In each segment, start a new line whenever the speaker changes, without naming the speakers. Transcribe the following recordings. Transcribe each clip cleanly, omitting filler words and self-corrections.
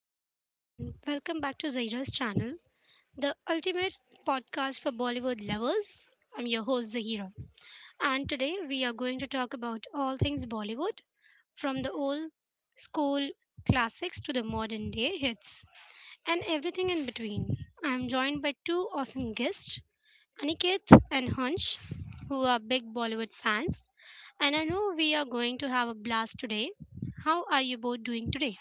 everyone, and welcome back to Zahira's channel, the ultimate podcast for Bollywood lovers. I'm your host, Zahira, and today we are going to talk about all things Bollywood from the old school classics to the modern day hits and everything in between. I'm joined by two awesome guests, Aniket and Hunch, who are big Bollywood fans, and I know we are going to have a blast today. How are you both doing today?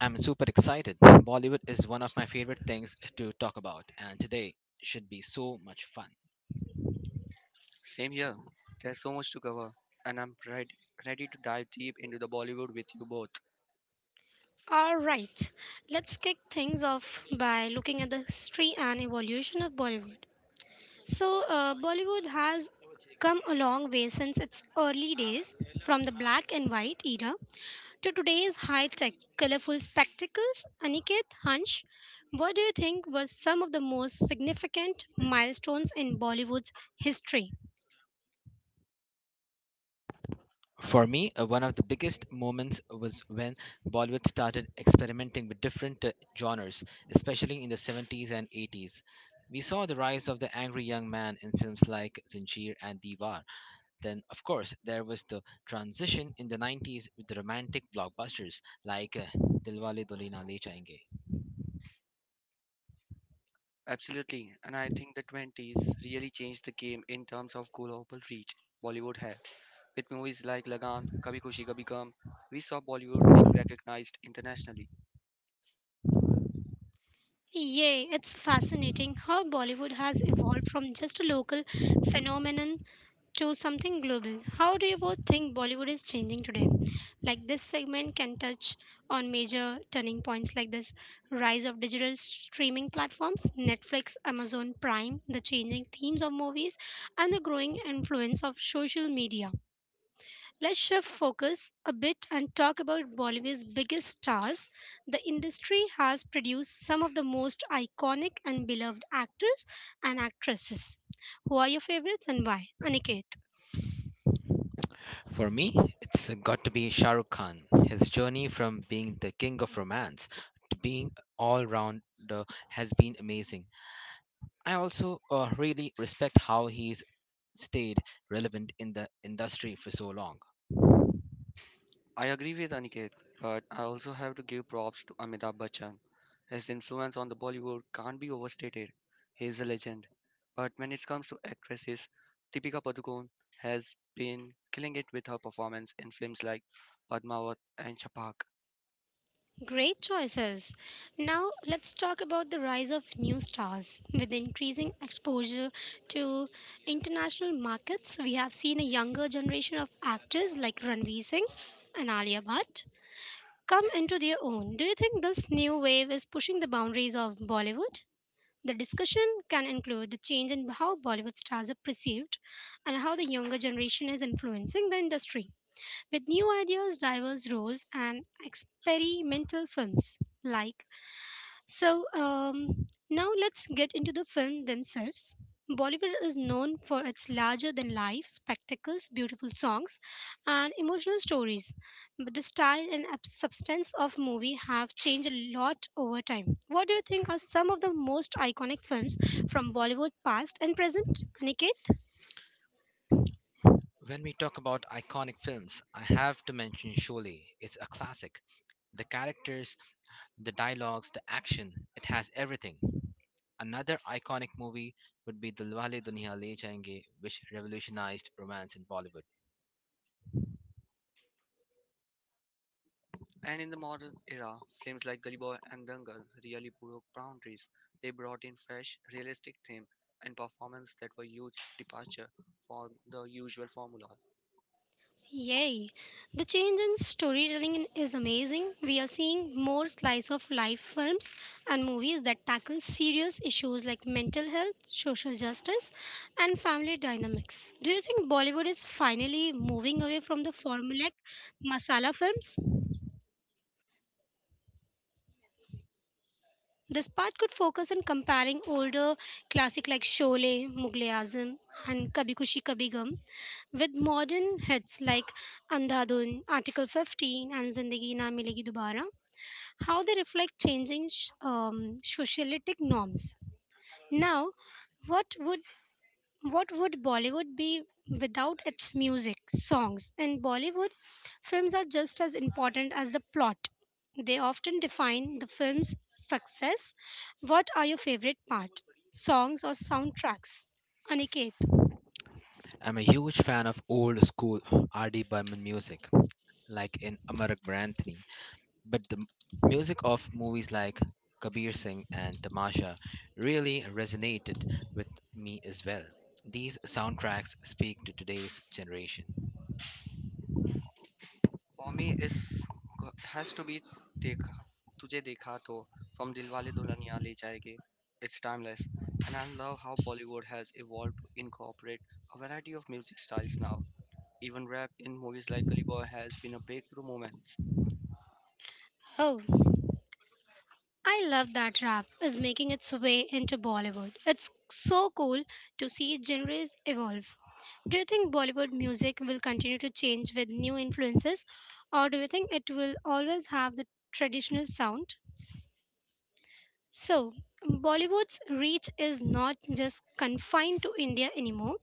I'm super excited. Bollywood is one of my favorite things to talk about, and today should be so much fun.
Same here. There's so much to cover, and I'm ready to dive deep into the Bollywood with you both.
All right, let's kick things off by looking at the history and evolution of Bollywood. Bollywood has come a long way since its early days, from the black and white era to today's high tech, colorful spectacles. Aniket, Hansh, what do you think were some of the most significant milestones in Bollywood's history?
For me, one of the biggest moments was when Bollywood started experimenting with different genres, especially in the 70s and 80s. We saw the rise of the angry young man in films like Zinjeer and Diwar. Then, of course, there was the transition in the 90s with the romantic blockbusters like Dilwale Dulhania Le Jayenge.
Absolutely, and I think the 20s really changed the game in terms of global reach Bollywood had. With movies like Lagan, Kabhi Khushi Kabhi Gum, we saw Bollywood being recognized internationally.
Yay, it's fascinating how Bollywood has evolved from just a local phenomenon to something global. How do you both think Bollywood is changing today? Like this segment can touch on major turning points like this rise of digital streaming platforms, Netflix, Amazon Prime, the changing themes of movies, and the growing influence of social media. Let's shift focus a bit and talk about Bollywood's biggest stars. The industry has produced some of the most iconic and beloved actors and actresses. Who are your favorites and why? Aniket.
For me, it's got to be Shah Rukh Khan. His journey from being the king of romance to being all rounder has been amazing. I also really respect how he's stayed relevant in the industry for so long.
I agree with Aniket, but I also have to give props to Amitabh Bachchan. His influence on the Bollywood can't be overstated. He is a legend. But when it comes to actresses, Deepika Padukone has been killing it with her performance in films like Padmavat and Chapak.
Great choices. Now let's talk about the rise of new stars. With increasing exposure to international markets, we have seen a younger generation of actors like Ranveer Singh and Alia Bhatt come into their own. Do you think this new wave is pushing the boundaries of Bollywood? The discussion can include the change in how Bollywood stars are perceived and how the younger generation is influencing the industry with new ideas, diverse roles, and experimental films like. So, um, Now let's get into the film themselves. Bollywood is known for its larger than life spectacles, beautiful songs, and emotional stories. But the style and substance of movie have changed a lot over time. What do you think are some of the most iconic films from Bollywood past and present, Aniket?
When we talk about iconic films, I have to mention Sholay. It's a classic. The characters, the dialogues, the action, it has everything. Another iconic movie would be Dilwale Duniya Le Jayenge, which revolutionized romance in Bollywood.
And in the modern era, films like Gully Boy and Dangal really broke boundaries. They brought in fresh, realistic theme and performance that were huge departure from the usual formula.
Yay! The change in storytelling is amazing. We are seeing more slice of life films and movies that tackle serious issues like mental health, social justice, and family dynamics. Do you think Bollywood is finally moving away from the formulaic masala films? This part could focus on comparing older classic like Sholay, Mughal Azam, and Kabhi Kushi Kabhi Gum with modern hits like Andhadhun, Article 15, and Zindagi Na Milegi Dobara, how they reflect changing socialitic norms. Now, what would what would Bollywood be without its music, songs? And Bollywood films are just as important as the plot. They often define the film's success. What are your favorite part? Songs or soundtracks? Aniket.
I'm a huge fan of old school R.D. Burman music, like in Amar Akbar Anthony. But the m- Music of movies like Kabir Singh and Tamasha really resonated with me as well. These soundtracks speak to today's generation.
For me, has to be Dekha, Tujhe Dekha To from Dilwale Dulhaniya Le Jayenge. It's timeless, and I love how Bollywood has evolved to incorporate a variety of music styles now. Even rap in movies like Gully Boy has been a breakthrough moment.
Oh, I love that rap is making its way into Bollywood. It's so cool to see genres evolve. Do you think Bollywood music will continue to change with new influences, or do you think it will always have the traditional sound? So, Bollywood's reach is not just confined to India anymore.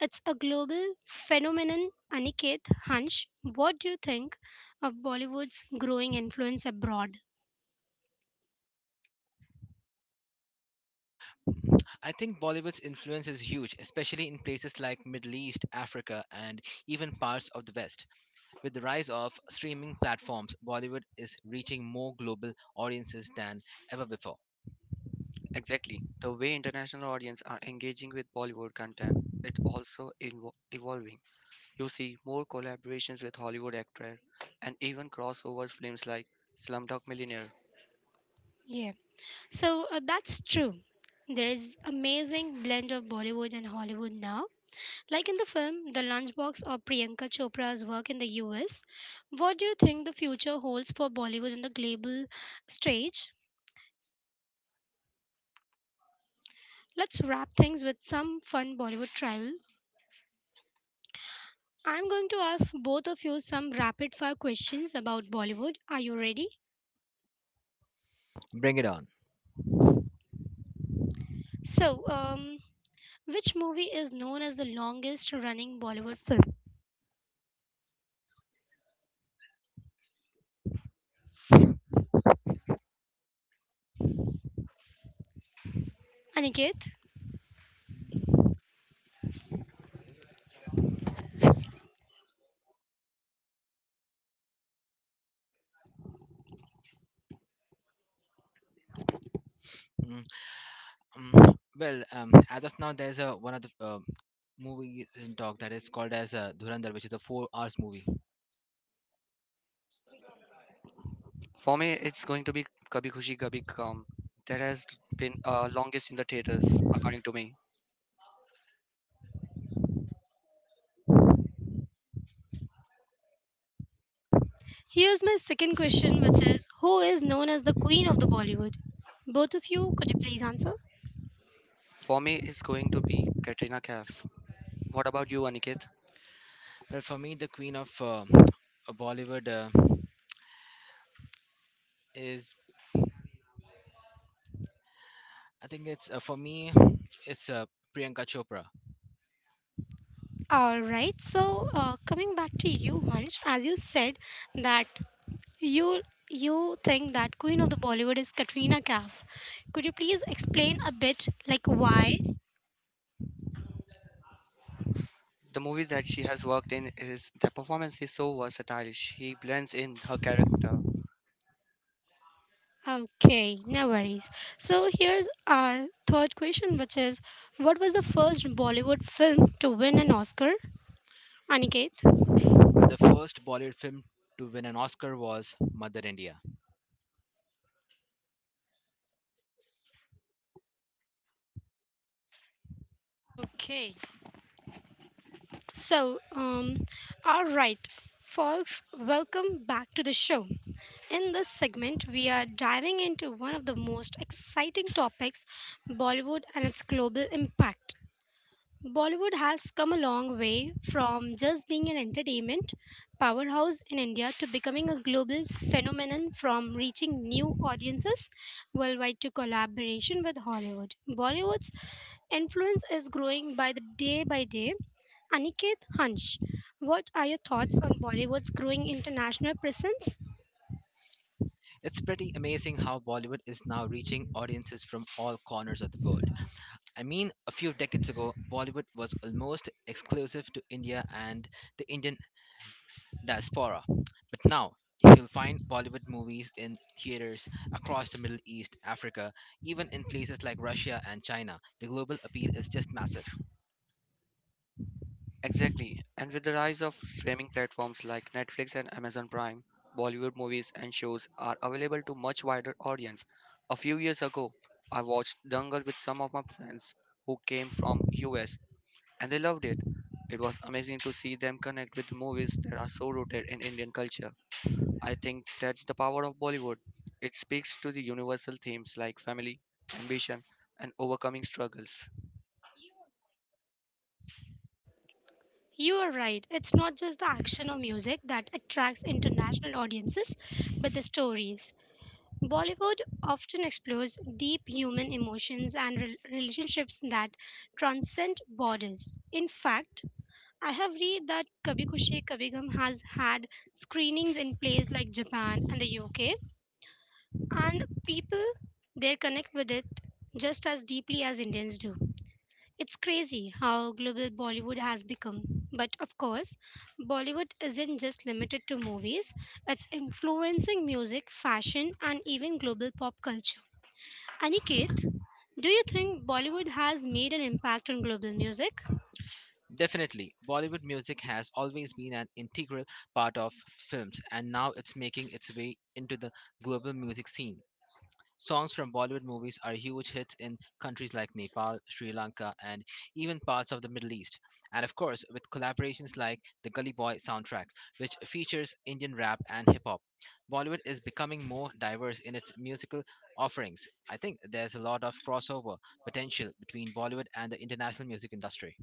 It's a global phenomenon. Aniket, Hansh, what do you think of Bollywood's growing influence abroad?
I think Bollywood's influence is huge, especially in places like Middle East, Africa, and even parts of the West. With the rise of streaming platforms, Bollywood is reaching more global audiences than ever before.
Exactly, the way international audience are engaging with Bollywood content, it also evolving. You see more collaborations with Hollywood actors, and even crossovers films like Slumdog Millionaire.
Yeah. So that's true. There's amazing blend of Bollywood and Hollywood now, like in the film The Lunchbox or Priyanka Chopra's work in the US. What do you think the future holds for Bollywood on the global stage? Let's wrap things with some fun Bollywood travel. I'm going to ask both of you some rapid fire questions about Bollywood. Are you ready?
Bring it on.
So, um, which movie is known as the longest running Bollywood film? Aniket?
As of now, there's a one of the movie in talk that is called as Dhurandhar, which is a 4 hours movie.
For me, it's going to be Kabhi Khushi Kabhi Gham. That has been longest in the theaters, according to me.
Here's my second question, which is, who is known as the queen of the Bollywood? Both of you, could you please answer?
For me, it's going to be Katrina Kaif. What about you, Aniket?
Well, for me, the queen of Bollywood is, I think it's for me, it's Priyanka Chopra.
All right. Coming back to you, Hunch, as you said that you you think that queen of the Bollywood is Katrina Kaif. Could you please explain a bit, like why?
The movies that she has worked in is the performance is so versatile. She blends in her character.
Okay, no worries. So here's our third question, which is, what was the first Bollywood film to win an Oscar? Aniket.
Well, the first Bollywood film to win an Oscar was Mother India.
Okay. So, um, all right, Folks, welcome back to the show. In this segment, we are diving into one of the most exciting topics, Bollywood and its global impact. Bollywood has come a long way from just being an entertainment powerhouse in India to becoming a global phenomenon, from reaching new audiences worldwide to collaboration with Hollywood. Bollywood's influence is growing by the day. Aniket, Hunch, what are your thoughts on Bollywood's growing international presence?
It's pretty amazing how Bollywood is now reaching audiences from all corners of the world. I mean, a few decades ago, Bollywood was almost exclusive to India and the Indian diaspora. But now, you'll find Bollywood movies in theaters across the Middle East, Africa, even in places like Russia and China. The global appeal is just massive.
Exactly, and with the rise of streaming platforms like Netflix and Amazon Prime, Bollywood movies and shows are available to much wider audience. A few years ago, I watched Dangal with some of my friends who came from US and they loved it. It was amazing to see them connect with movies that are so rooted in Indian culture. I think that's the power of Bollywood. It speaks to the universal themes like family, ambition, and overcoming struggles.
You are right. It's not just the action or music that attracts international audiences, but the stories. Bollywood often explores deep human emotions and relationships that transcend borders. In fact, I have read that Kabhi Khushi Kabhi Gham has had screenings in places like Japan and the UK, and people there connect with it just as deeply as Indians do. It's crazy how global Bollywood has become. But of course, Bollywood isn't just limited to movies, it's influencing music, fashion, and even global pop culture. Aniket, do you think Bollywood has made an impact on global music?
Definitely, Bollywood music has always been an integral part of films, and now it's making its way into the global music scene. Songs from Bollywood movies are huge hits in countries like Nepal, Sri Lanka, and even parts of the Middle East. And of course, with collaborations like the Gully Boy soundtrack, which features Indian rap and hip hop. Bollywood is becoming more diverse in its musical offerings. I think there's a lot of crossover potential between Bollywood and the international music industry.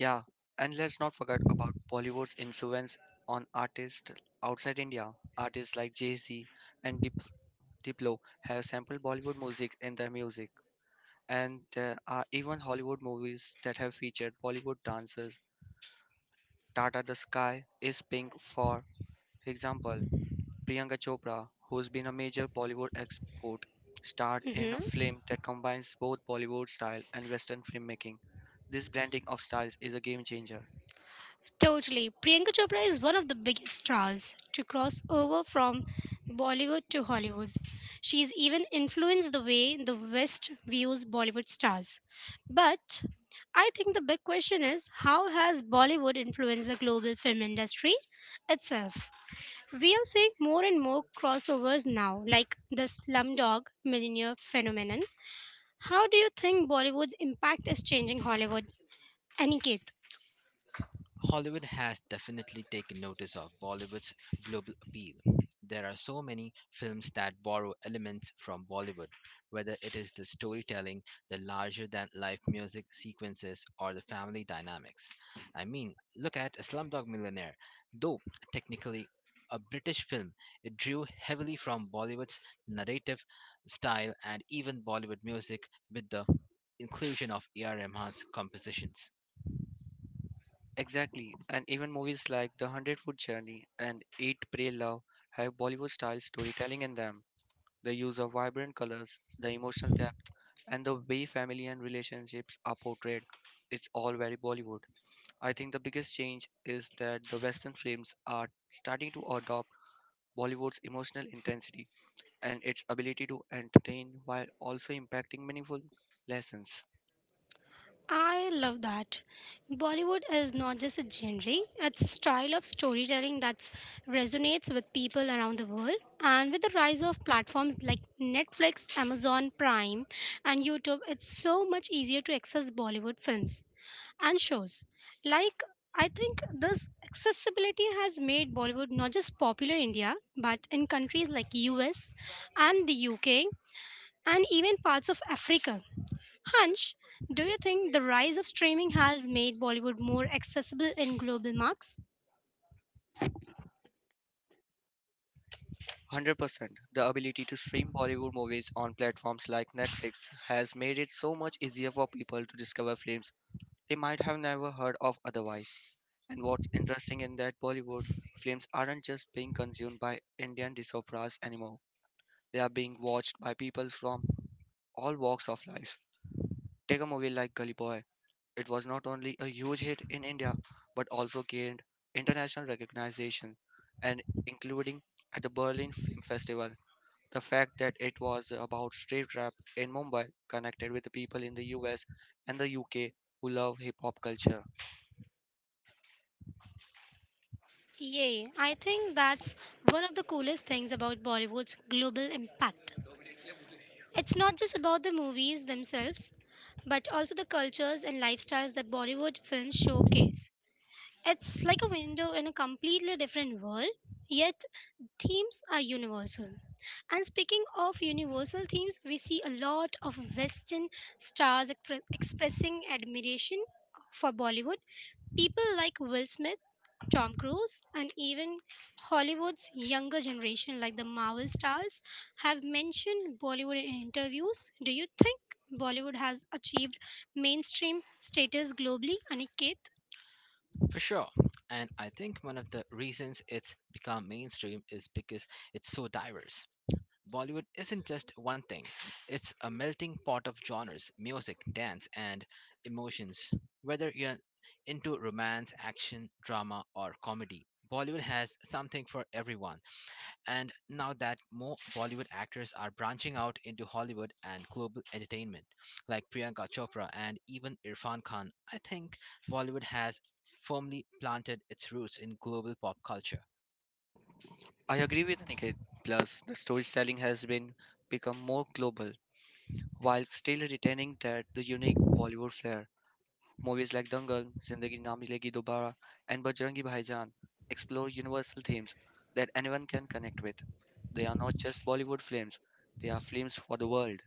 Yeah, and let's not forget about Bollywood's influence on artists outside India. Artists like Jay-Z and Diplo have sampled Bollywood music in their music. And there are even Hollywood movies that have featured Bollywood dancers. Tata the Sky is Pink for example. Priyanka Chopra, who's been a major Bollywood export, starred in a
Hmm.
film that combines both Bollywood style and Western filmmaking. This blending of styles is a game changer.
Totally. Priyanka Chopra is one of the biggest stars to cross over from Bollywood to Hollywood. She's even influenced the way the West views Bollywood stars. But I think the big question is, how has Bollywood influenced the global film industry itself? We are seeing more and more crossovers now, like the Slumdog Millionaire phenomenon. How do you think Bollywood's impact is changing Hollywood? Aniket.
Hollywood has definitely taken notice of Bollywood's global appeal. There are so many films that borrow elements from Bollywood, whether it is the storytelling, the larger than life music sequences, or the family dynamics. I mean, look at Slumdog Millionaire. Though technically a British film, it drew heavily from Bollywood's narrative style and even Bollywood music with the inclusion of A.R. Rahman's compositions.
Exactly, and even movies like The Hundred Foot Journey and Eat, Pray, Love have Bollywood style storytelling in them. The use of vibrant colors, the emotional depth, and the way family and relationships are portrayed. It's all very Bollywood. I think the biggest change is that the Western films are starting to adopt Bollywood's emotional intensity and its ability to entertain while also impacting meaningful lessons.
I love that. Bollywood is not just a genre, it's a style of storytelling that resonates with people around the world. And with the rise of platforms like Netflix, Amazon Prime, and YouTube, it's so much easier to access Bollywood films and shows. Like, I think this accessibility has made Bollywood not just popular in India, but in countries like US and the UK and even parts of Africa. Hunch, do you think the rise of streaming has made Bollywood more accessible in global marks?
100% the ability to stream Bollywood movies on platforms like Netflix has made it so much easier for people to discover films they might have never heard of otherwise. And what's interesting in that Bollywood films aren't just being consumed by Indian diasporas anymore. They are being watched by people from all walks of life. Take a movie like Gully Boy. It was not only a huge hit in India but also gained international recognition and including at the Berlin Film Festival. The fact that it was about street rap in Mumbai connected with the people in the US and the UK who love hip hop culture.
Yay, I think that's one of the coolest things about Bollywood's global impact. It's not just about the movies themselves, but also the cultures and lifestyles that Bollywood films showcase. It's like a window in a completely different world, yet themes are universal. And speaking of universal themes, we see a lot of Western stars expressing admiration for Bollywood. People like Will Smith, Tom Cruise, and even Hollywood's younger generation, like the Marvel stars, have mentioned Bollywood in interviews. Do you think Bollywood has achieved mainstream status globally, Aniket?
For sure. And I think one of the reasons it's become mainstream is because it's so diverse. Bollywood isn't just one thing, it's a melting pot of genres, music, dance, and emotions. Whether you're into romance, action, drama, or comedy, Bollywood has something for everyone. And now that more Bollywood actors are branching out into Hollywood and global entertainment, like Priyanka Chopra and even Irfan Khan, I think Bollywood has firmly planted its roots in global pop culture.
I agree with Aniket. Plus, the storytelling has been become more global while still retaining that the unique Bollywood flair. Movies like Dangal, Zindagi Na Milegi Dobara, and Bajrangi Bhaijaan explore universal themes that anyone can connect with. They are not just Bollywood films, they are films for the world.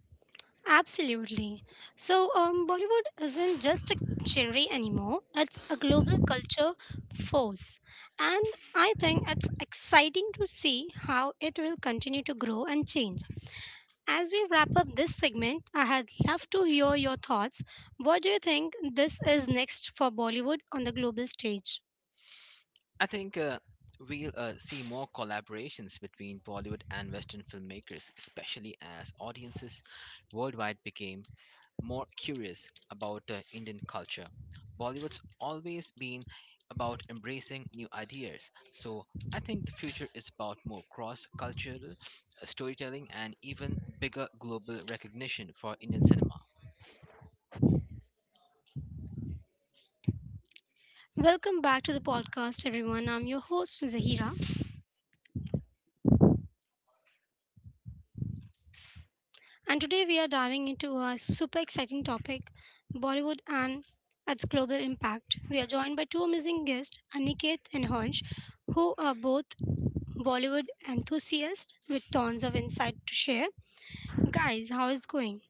Absolutely. Bollywood isn't just a genre anymore, it's a global culture force. And I think it's exciting to see how it will continue to grow and change. As we wrap up this segment, I had love to hear your thoughts. What do you think this is next for Bollywood on the global stage?
I think we'll see more collaborations between Bollywood and Western filmmakers, especially as audiences worldwide became more curious about Indian culture. Bollywood's always been about embracing new ideas, so I think the future is about more cross cultural storytelling and even bigger global recognition for Indian cinema.
Welcome back to the podcast, everyone. I'm your host, Zahira. And today we are diving into a super exciting topic, Bollywood and its global impact. We are joined by two amazing guests, Aniket and Hansh, who are both Bollywood enthusiasts with tons of insight to share. Guys, how is going?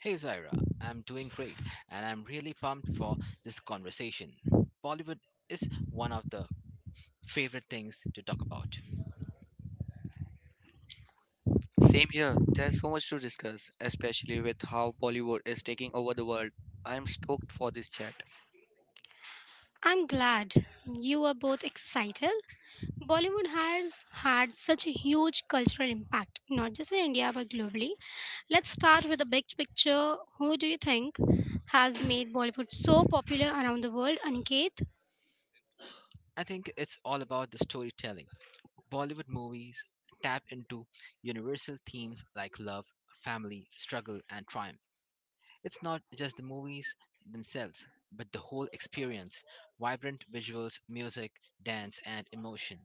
Hey Zaira, I'm doing great and I'm really pumped for this conversation. Bollywood is one of the favorite things to talk about.
Same here, there's so much to discuss, especially with how Bollywood is taking over the world. I'm stoked for this chat.
I'm glad you are both excited. Bollywood has had such a huge cultural impact, not just in India but globally. Let's start with the big picture. Who do you think has made Bollywood so popular around the world, Aniket?
I think it's all about the storytelling. Bollywood movies tap into universal themes like love, family, struggle, and triumph. It's not just the movies themselves, but the whole experience, vibrant visuals, music, dance, and emotion.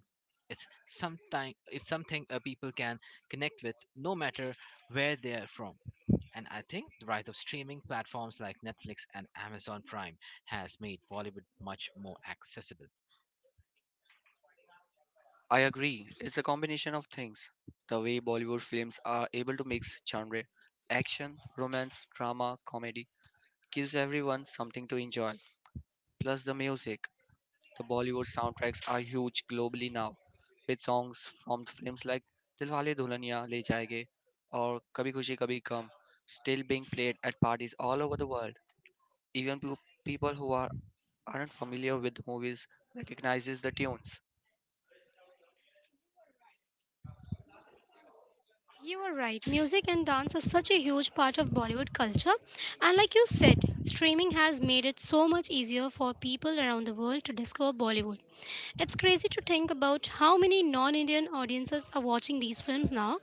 It's something people can connect with no matter where they're from. And I think the rise of streaming platforms like Netflix and Amazon Prime has made Bollywood much more accessible.
I agree, it's a combination of things. The way Bollywood films are able to mix genre, action, romance, drama, comedy gives everyone something to enjoy. Plus, the music. The Bollywood soundtracks are huge globally now, with songs from films like Dilwale Dulhaniya Le Jayenge or Kabhi Khushi Kabhi Gham still being played at parties all over the world. Even people who are aren't familiar with the movies recognizes the tunes.
You are right. Music and dance are such a huge part of Bollywood culture. And like you said, streaming has made it so much easier for people around the world to discover Bollywood. It's crazy to think about how many non Indian audiences are watching these films now.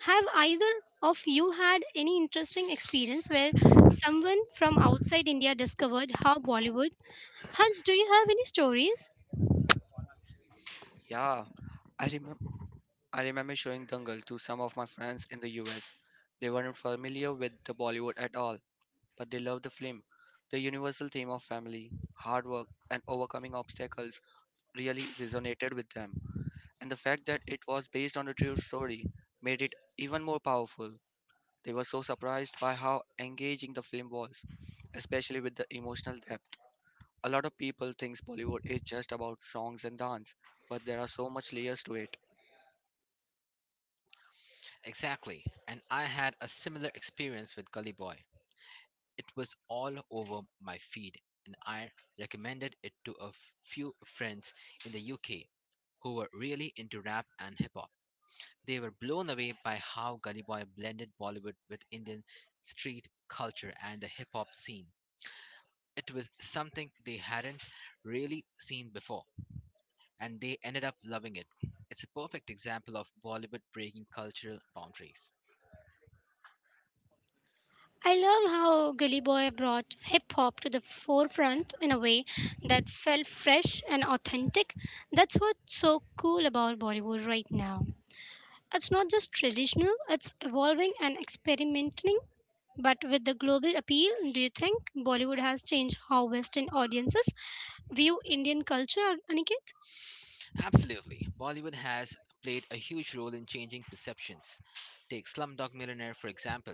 Have either of you had any interesting experience where someone from outside India discovered how Bollywood? Hans, do you have any stories?
Yeah, I remember I remember showing Dangal to some of my friends in the US. They weren't familiar with the Bollywood at all, but they loved the film. The universal theme of family, hard work, and overcoming obstacles really resonated with them, and the fact that it was based on a true story made it even more powerful. They were so surprised by how engaging the film was, especially with the emotional depth. A lot of people think Bollywood is just about songs and dance, but there are so much layers to it.
Exactly. And I had a similar experience with Gully Boy. It was all over my feed, and I recommended it to a few friends in the UK who were really into rap and hip hop. They were blown away by how Gully Boy blended Bollywood with Indian street culture and the hip hop scene. It was something they hadn't really seen before, and they ended up loving it. It's a perfect example of Bollywood breaking cultural boundaries.
I love how Gully Boy brought hip hop to the forefront in a way that felt fresh and authentic. That's what's so cool about Bollywood right now. It's not just traditional, it's evolving and experimenting. But with the global appeal, do you think Bollywood has changed how Western audiences view Indian culture, Aniket?
Absolutely. Bollywood has played a huge role in changing perceptions. Take Slumdog Millionaire, for example.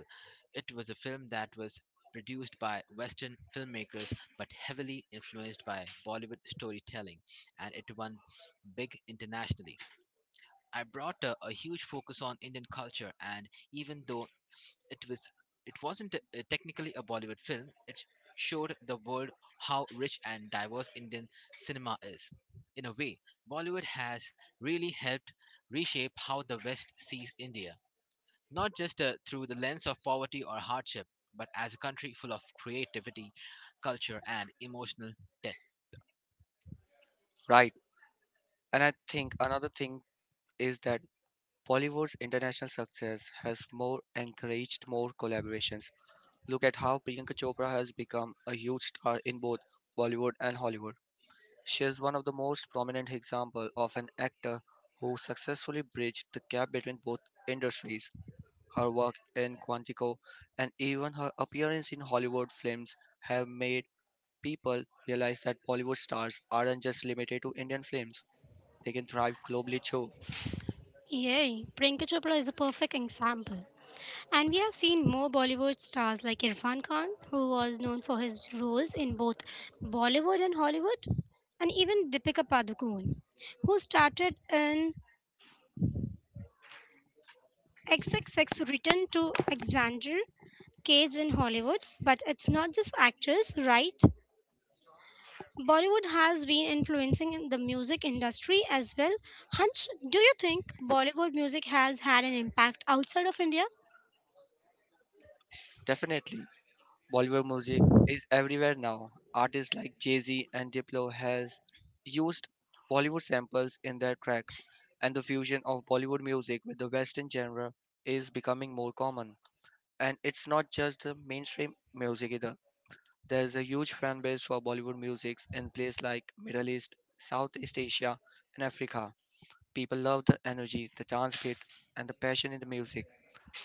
It was a film that was produced by Western filmmakers but heavily influenced by Bollywood storytelling, and it won big internationally. I brought a huge focus on Indian culture, and even though it was it wasn't a- technically a Bollywood film. It showed the world how rich and diverse Indian cinema is. In a way, Bollywood has really helped reshape how the West sees India, not just through the lens of poverty or hardship, but as a country full of creativity, culture, and emotional depth.
Right. And I think another thing is that Bollywood's international success has more encouraged more collaborations. Look at how Priyanka Chopra has become a huge star in both Bollywood and Hollywood. She is one of the most prominent example of an actor who successfully bridged the gap between both industries. Her work in Quantico and even her appearance in Hollywood films have made people realize that Bollywood stars aren't just limited to Indian films. They can thrive globally too.
Yay, Priyanka Chopra is a perfect example. And we have seen more Bollywood stars like Irfan Khan, who was known for his roles in both Bollywood and Hollywood, and even Deepika Padukone, who started in XXX Return to Alexander Cage in Hollywood. But it's not just actors, right? Bollywood has been influencing the music industry as well. Hunch, do you think Bollywood music has had an impact outside of India?
Definitely, Bollywood music is everywhere now. Artists like Jay-Z and Diplo has used Bollywood samples in their track, and the fusion of Bollywood music with the Western genre is becoming more common. And it's not just the mainstream music either. There's a huge fan base for Bollywood music in places like Middle East, Southeast Asia, and Africa. People love the energy, the dance beat, and the passion in the music.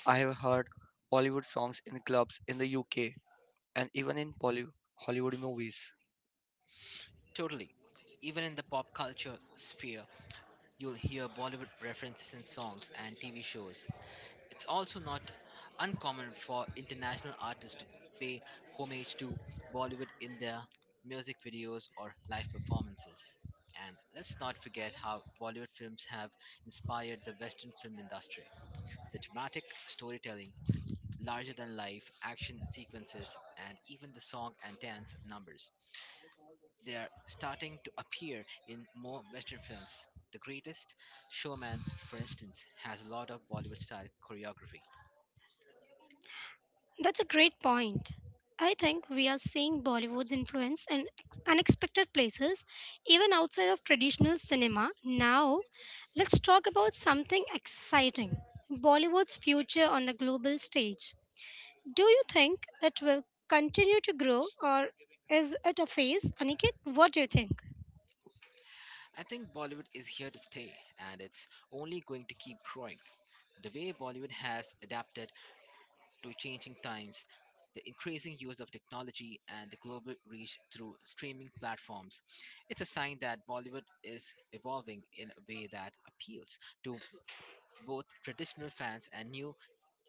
I have heard Bollywood songs in clubs in the UK and even in Hollywood movies.
Totally. Even in the pop culture sphere, you'll hear Bollywood references in songs and TV shows. It's also not uncommon for international artists to pay homage to Bollywood in their music videos or live performances. And let's not forget how Bollywood films have inspired the Western film industry. The dramatic storytelling, larger than life action sequences, and even the song and dance numbers. They are starting to appear in more Western films. The greatest showman, for instance, has a lot of Bollywood style choreography.
That's a great point. I think we are seeing Bollywood's influence in unexpected places, even outside of traditional cinema. Now, let's talk about something exciting, Bollywood's future on the global stage. Do you think it will continue to grow, or is it a phase? Aniket, what do you think?
I think Bollywood is here to stay, and it's only going to keep growing. The way Bollywood has adapted to changing times, the increasing use of technology, and the global reach through streaming platforms, it's a sign that Bollywood is evolving in a way that appeals to both traditional fans and new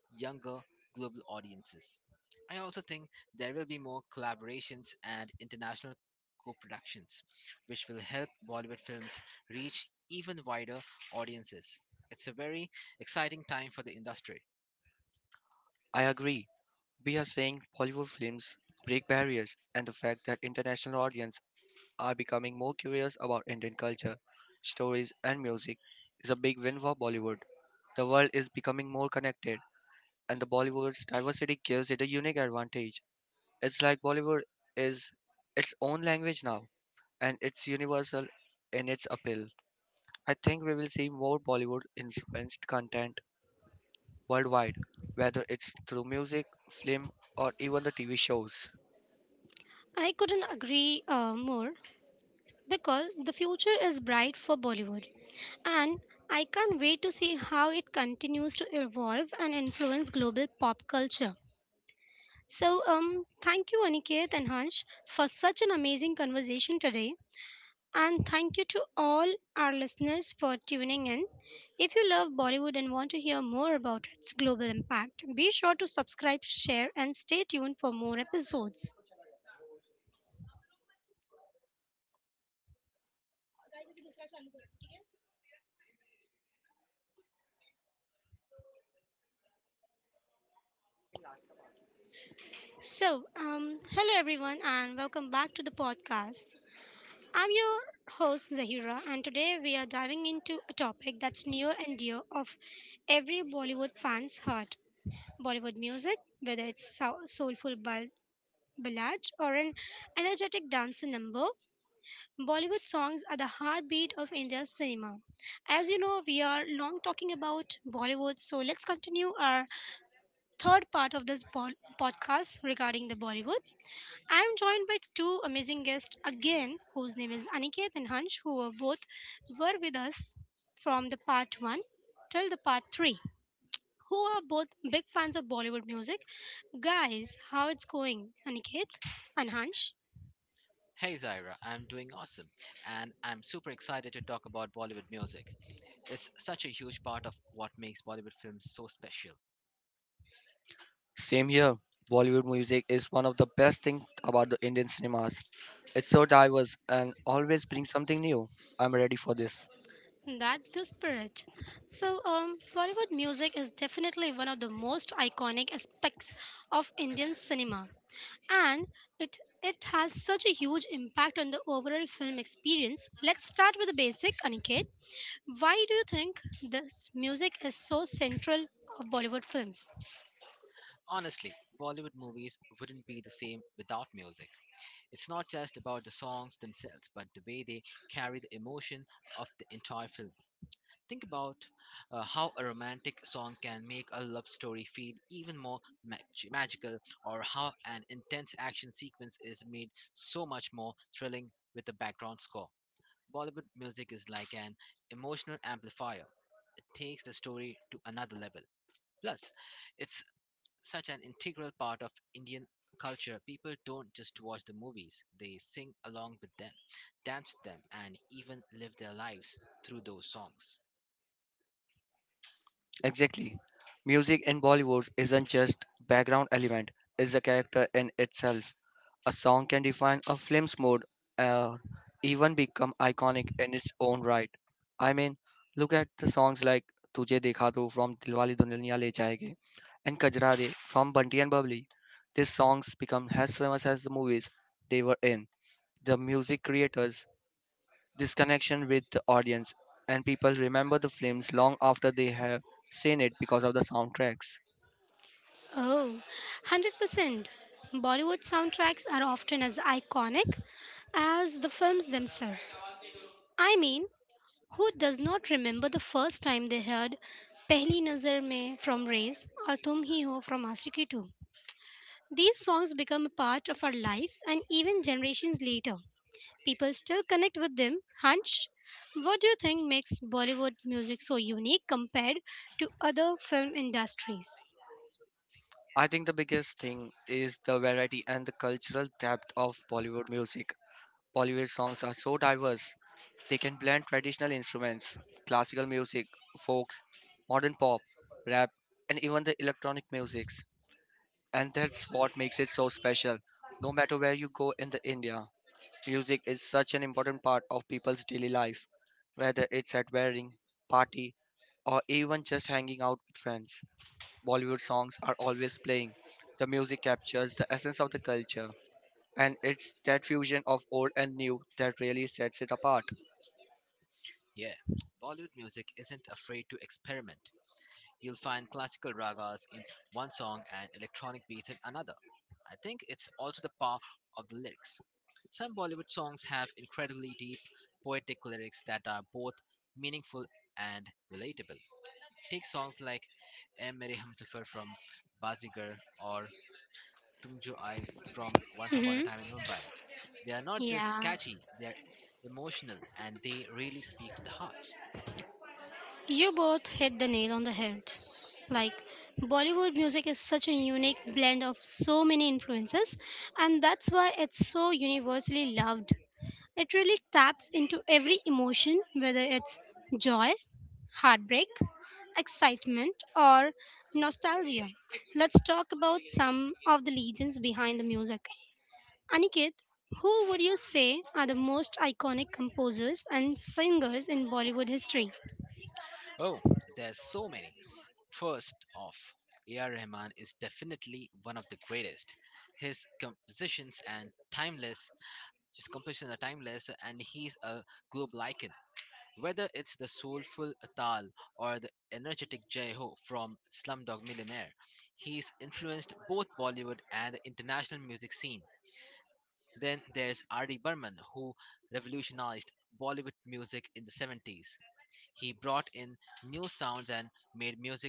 younger global audiences. I also think there will be more collaborations and international co productions, which will help Bollywood films reach even wider audiences. It's a very exciting time for the industry.
I agree. We are seeing Bollywood films break barriers, and the fact that international audiences are becoming more curious about Indian culture, stories, and music is a big win for Bollywood. The world is becoming more connected, and the Bollywood's diversity gives it a unique advantage. It's like Bollywood is its own language now, and it's universal in its appeal. I think we will see more Bollywood influenced content worldwide, whether it's through music, film, or even the TV shows.
I couldn't agree more, because the future is bright for Bollywood. And I can't wait to see how it continues to evolve and influence global pop culture. Thank you, Aniket and Hansh, for such an amazing conversation today. And thank you to all our listeners for tuning in. If you love Bollywood and want to hear more about its global impact, be sure to subscribe, share, and stay tuned for more episodes. Hello everyone, and welcome back to the podcast. I'm your host Zahira, and today we are diving into a topic that's near and dear of every Bollywood fan's heart. Bollywood music, whether it's soulful ballad or an energetic dance number, Bollywood songs are the heartbeat of India's cinema. As you know, we are long talking about Bollywood, so let's continue our third part of this podcast regarding the Bollywood. I'm joined by two amazing guests again, whose name is Aniket and Hansh, who were both were with us from the part one till the part three, who are both big fans of Bollywood music. Guys, how it's going, Aniket and Hansh?
Hey Zaira, I'm doing awesome and I'm super excited to talk about Bollywood music. It's such a huge part of what makes Bollywood films so special.
Same here, Bollywood music is one of the best things about the Indian cinemas. It's so diverse and always brings something new. I'm ready for this.
That's the spirit. Bollywood music is definitely one of the most iconic aspects of Indian cinema, and it it has such a huge impact on the overall film experience. Let's start with the basic, Aniket. Why do you think this music is so central of Bollywood films?
Honestly, Bollywood movies wouldn't be the same without music. It's not just about the songs themselves, but the way they carry the emotion of the entire film. Think about how a romantic song can make a love story feel even more magical, or how an intense action sequence is made so much more thrilling with a background score. Bollywood music is like an emotional amplifier, it takes the story to another level. Plus, it's such an integral part of Indian culture, people don't just watch the movies, they sing along with them, dance with them, and even live their lives through those songs.
Exactly. Music in Bollywood isn't just background element, it's a character in itself. A song can define a film's mood or even become iconic in its own right. I mean, look at the songs like Tujhe Dekha To from Dilwale Duniya Le Jayenge and Kajra Re from Bunty and Bubbly. These songs become as famous as the movies they were in. The music creators this connection with the audience, and people remember the films long after they have seen it because of the soundtracks.
Oh, 100%. Bollywood soundtracks are often as iconic as the films themselves. I mean, who does not remember the first time they heard Pehli Nazar Mein from Race or Tum Hi Ho from Aashiqui 2? These songs become a part of our lives, and even generations later, people still connect with them. Hunch, what do you think makes Bollywood music so unique compared to other film industries?
I think the biggest thing is the variety and the cultural depth of Bollywood music. Bollywood songs are so diverse, they can blend traditional instruments, classical music, folks, modern pop, rap, and even the electronic musics. And that's what makes it so special. No matter where you go in the India, music is such an important part of people's daily life, whether it's at wedding, party, or even just hanging out with friends. Bollywood songs are always playing. The music captures the essence of the culture, and it's that fusion of old and new that really sets it apart.
Yeah, Bollywood music isn't afraid to experiment. You'll find classical ragas in one song and electronic beats in another. I think it's also the power of the lyrics. Some Bollywood songs have incredibly deep, poetic lyrics that are both meaningful and relatable. Take songs like "Eh Mere Humsafar" from Bazigar or "Tum Jo Aaye" from Once Upon a
hmm
Time in Mumbai. They are not just
Yeah.
catchy, they are emotional and they really speak to the heart.
You both hit the nail on the head. Like, Bollywood music is such a unique blend of so many influences, and that's why it's so universally loved. It really taps into every emotion, whether it's joy, heartbreak, excitement, or nostalgia. Let's talk about some of the legends behind the music. Aniket, who would you say are the most iconic composers and singers in Bollywood history?
Oh, there's so many. First off, A.R. Rahman is definitely one of the greatest. His compositions and timeless, his compositions are timeless, and he's a global icon. Whether it's the soulful Atal or the energetic Jai Ho from Slumdog Millionaire, he's influenced both Bollywood and the international music scene. Then there's R.D. Burman, who revolutionized Bollywood music in the 70s. He brought in new sounds and made music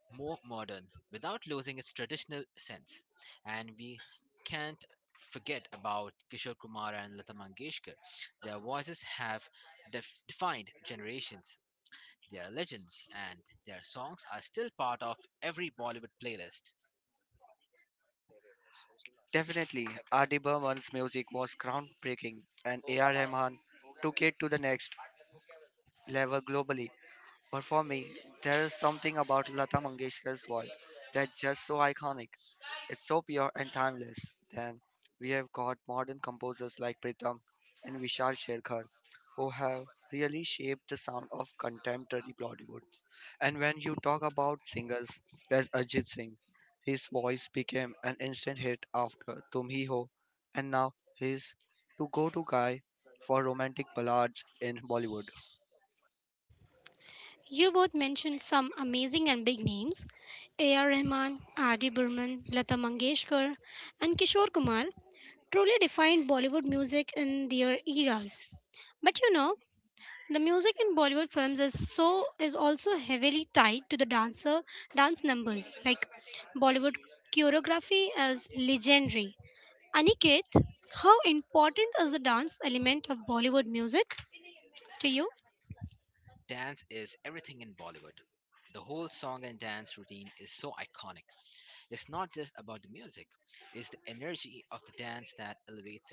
more modern without losing its traditional sense. And we can't forget about Kishore Kumar and Lata Mangeshkar. Their voices have defined generations. Their legends, and their songs are still part of every Bollywood playlist.
Definitely, R.D. Burman's music was groundbreaking, and A.R. Rahman took it to the next level globally. But for me, there is something about Lata Mangeshkar's voice that's just so iconic. It's so pure and timeless. Then we have got modern composers like Pritam and Vishal Sherkar who have really shaped the sound of contemporary Bollywood. And when you talk about singers, there's Ajit Singh. His voice became an instant hit after Tum Hi Ho, and now he's to go to guy for romantic ballads in Bollywood.
You both mentioned some amazing and big names: A.R. Rahman, R.D. Burman, Lata Mangeshkar, and Kishore Kumar truly defined Bollywood music in their eras. But you know, the music in Bollywood films is so is also heavily tied to the dance numbers. Like, Bollywood choreography is legendary. Aniket, how important is the dance element of Bollywood music to you?
Dance is everything in Bollywood. The whole song and dance routine is so iconic. It's not just about the music, it's the energy of the dance that elevates it.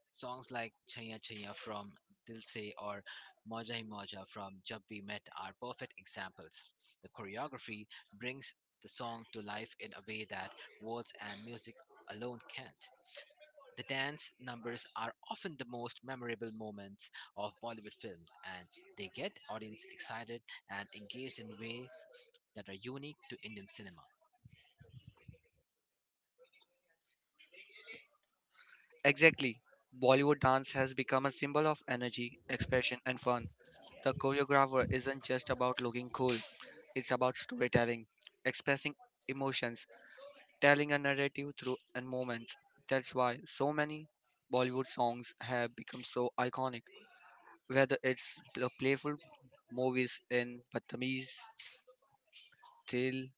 Songs like Chaya Chaya from Dil Se or Moja Hi Moja from Jab We Met are perfect examples. The choreography brings the song to life in a way that words and music alone can't. The dance numbers are often the most memorable moments of Bollywood film, and they get audience excited and engaged in ways that are unique to Indian cinema.
Exactly. Bollywood dance has become a symbol of energy, expression, and fun. The choreographer isn't just about looking cool. It's about storytelling, expressing emotions, telling a narrative through and moments. That's why so many Bollywood songs have become so iconic. Whether it's the playful movies in Patamiz, Dil,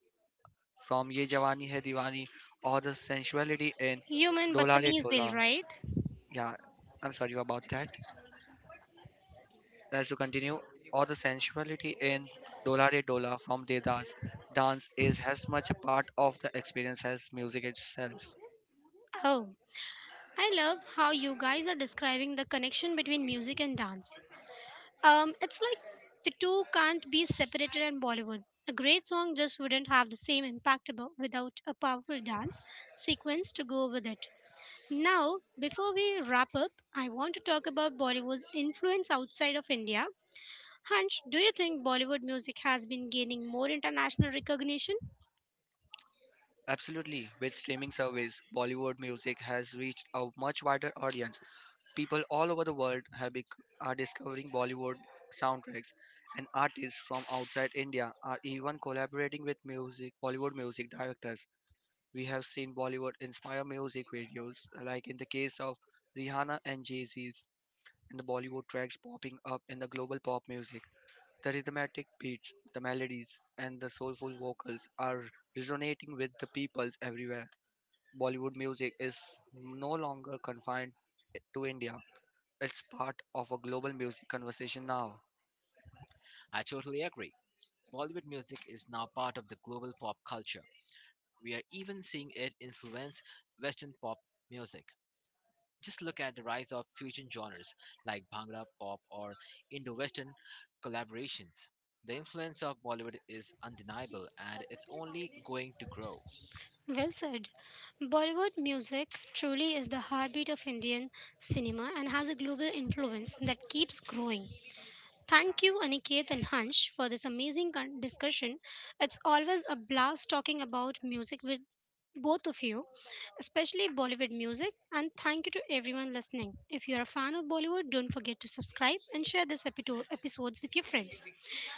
from Ye Jawani Hai Diwani, or the sensuality in
Human
Dola Re
Batamiz Dil,
Dola.
right?
Yeah, I'm sorry about that. Let's to continue. Or the sensuality in Dola Re Dola from Dedas. Dance is as much a part of the experience as music itself.
Oh, I love how you guys are describing the connection between music and dance. It's like the two can't be separated in Bollywood. A great song just wouldn't have the same impact without a powerful dance sequence to go with it. Now, before we wrap up, I want to talk about Bollywood's influence outside of India. Hunch, do you think Bollywood music has been gaining more international recognition?
Absolutely. With streaming service, Bollywood music has reached a much wider audience. People all over the world have are discovering Bollywood soundtracks, and artists from outside India are even collaborating with music Bollywood music directors. We have seen Bollywood inspire music videos, like in the case of Rihanna and Jay-Z's, and the Bollywood tracks popping up in the global pop music. The rhythmic beats, the melodies, and the soulful vocals are resonating with the peoples everywhere. Bollywood music is no longer confined to India. It's part of a global music conversation now.
I totally agree. Bollywood music is now part of the global pop culture. We are even seeing it influence Western pop music. Just look at the rise of fusion genres like Bhangra pop or Indo Western collaborations. The influence of Bollywood is undeniable and it's only going to grow.
Well said. Bollywood music truly is the heartbeat of Indian cinema and has a global influence that keeps growing. Thank you, Aniket and Hansh, for this amazing discussion. It's always a blast talking about music with both of you, especially Bollywood music. And thank you to everyone listening. If you're a fan of Bollywood, don't forget to subscribe and share this episodes with your friends.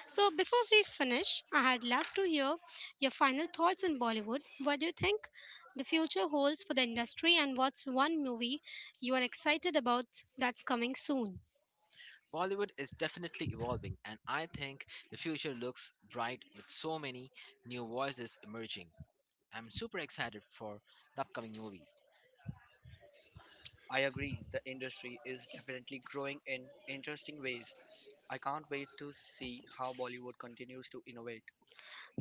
So, before we finish, I would love to hear your final thoughts on Bollywood. What do you think the future holds for the industry, and what's one movie you are excited about that's coming soon?
Bollywood is definitely evolving, and I think the future looks bright with so many new voices emerging. I'm super excited for the upcoming movies.
I agree, the industry is definitely growing in interesting ways. I can't wait to see how Bollywood continues to innovate.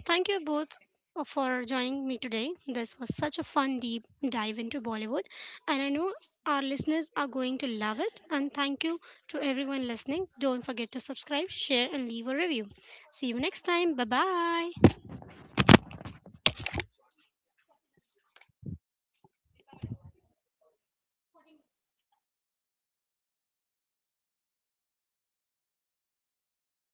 Thank you both for joining me today. This was such a fun deep dive into Bollywood, and I know our listeners are going to love it. And thank you to everyone listening. Don't forget to subscribe, share, and leave a review. See you next time. Bye bye.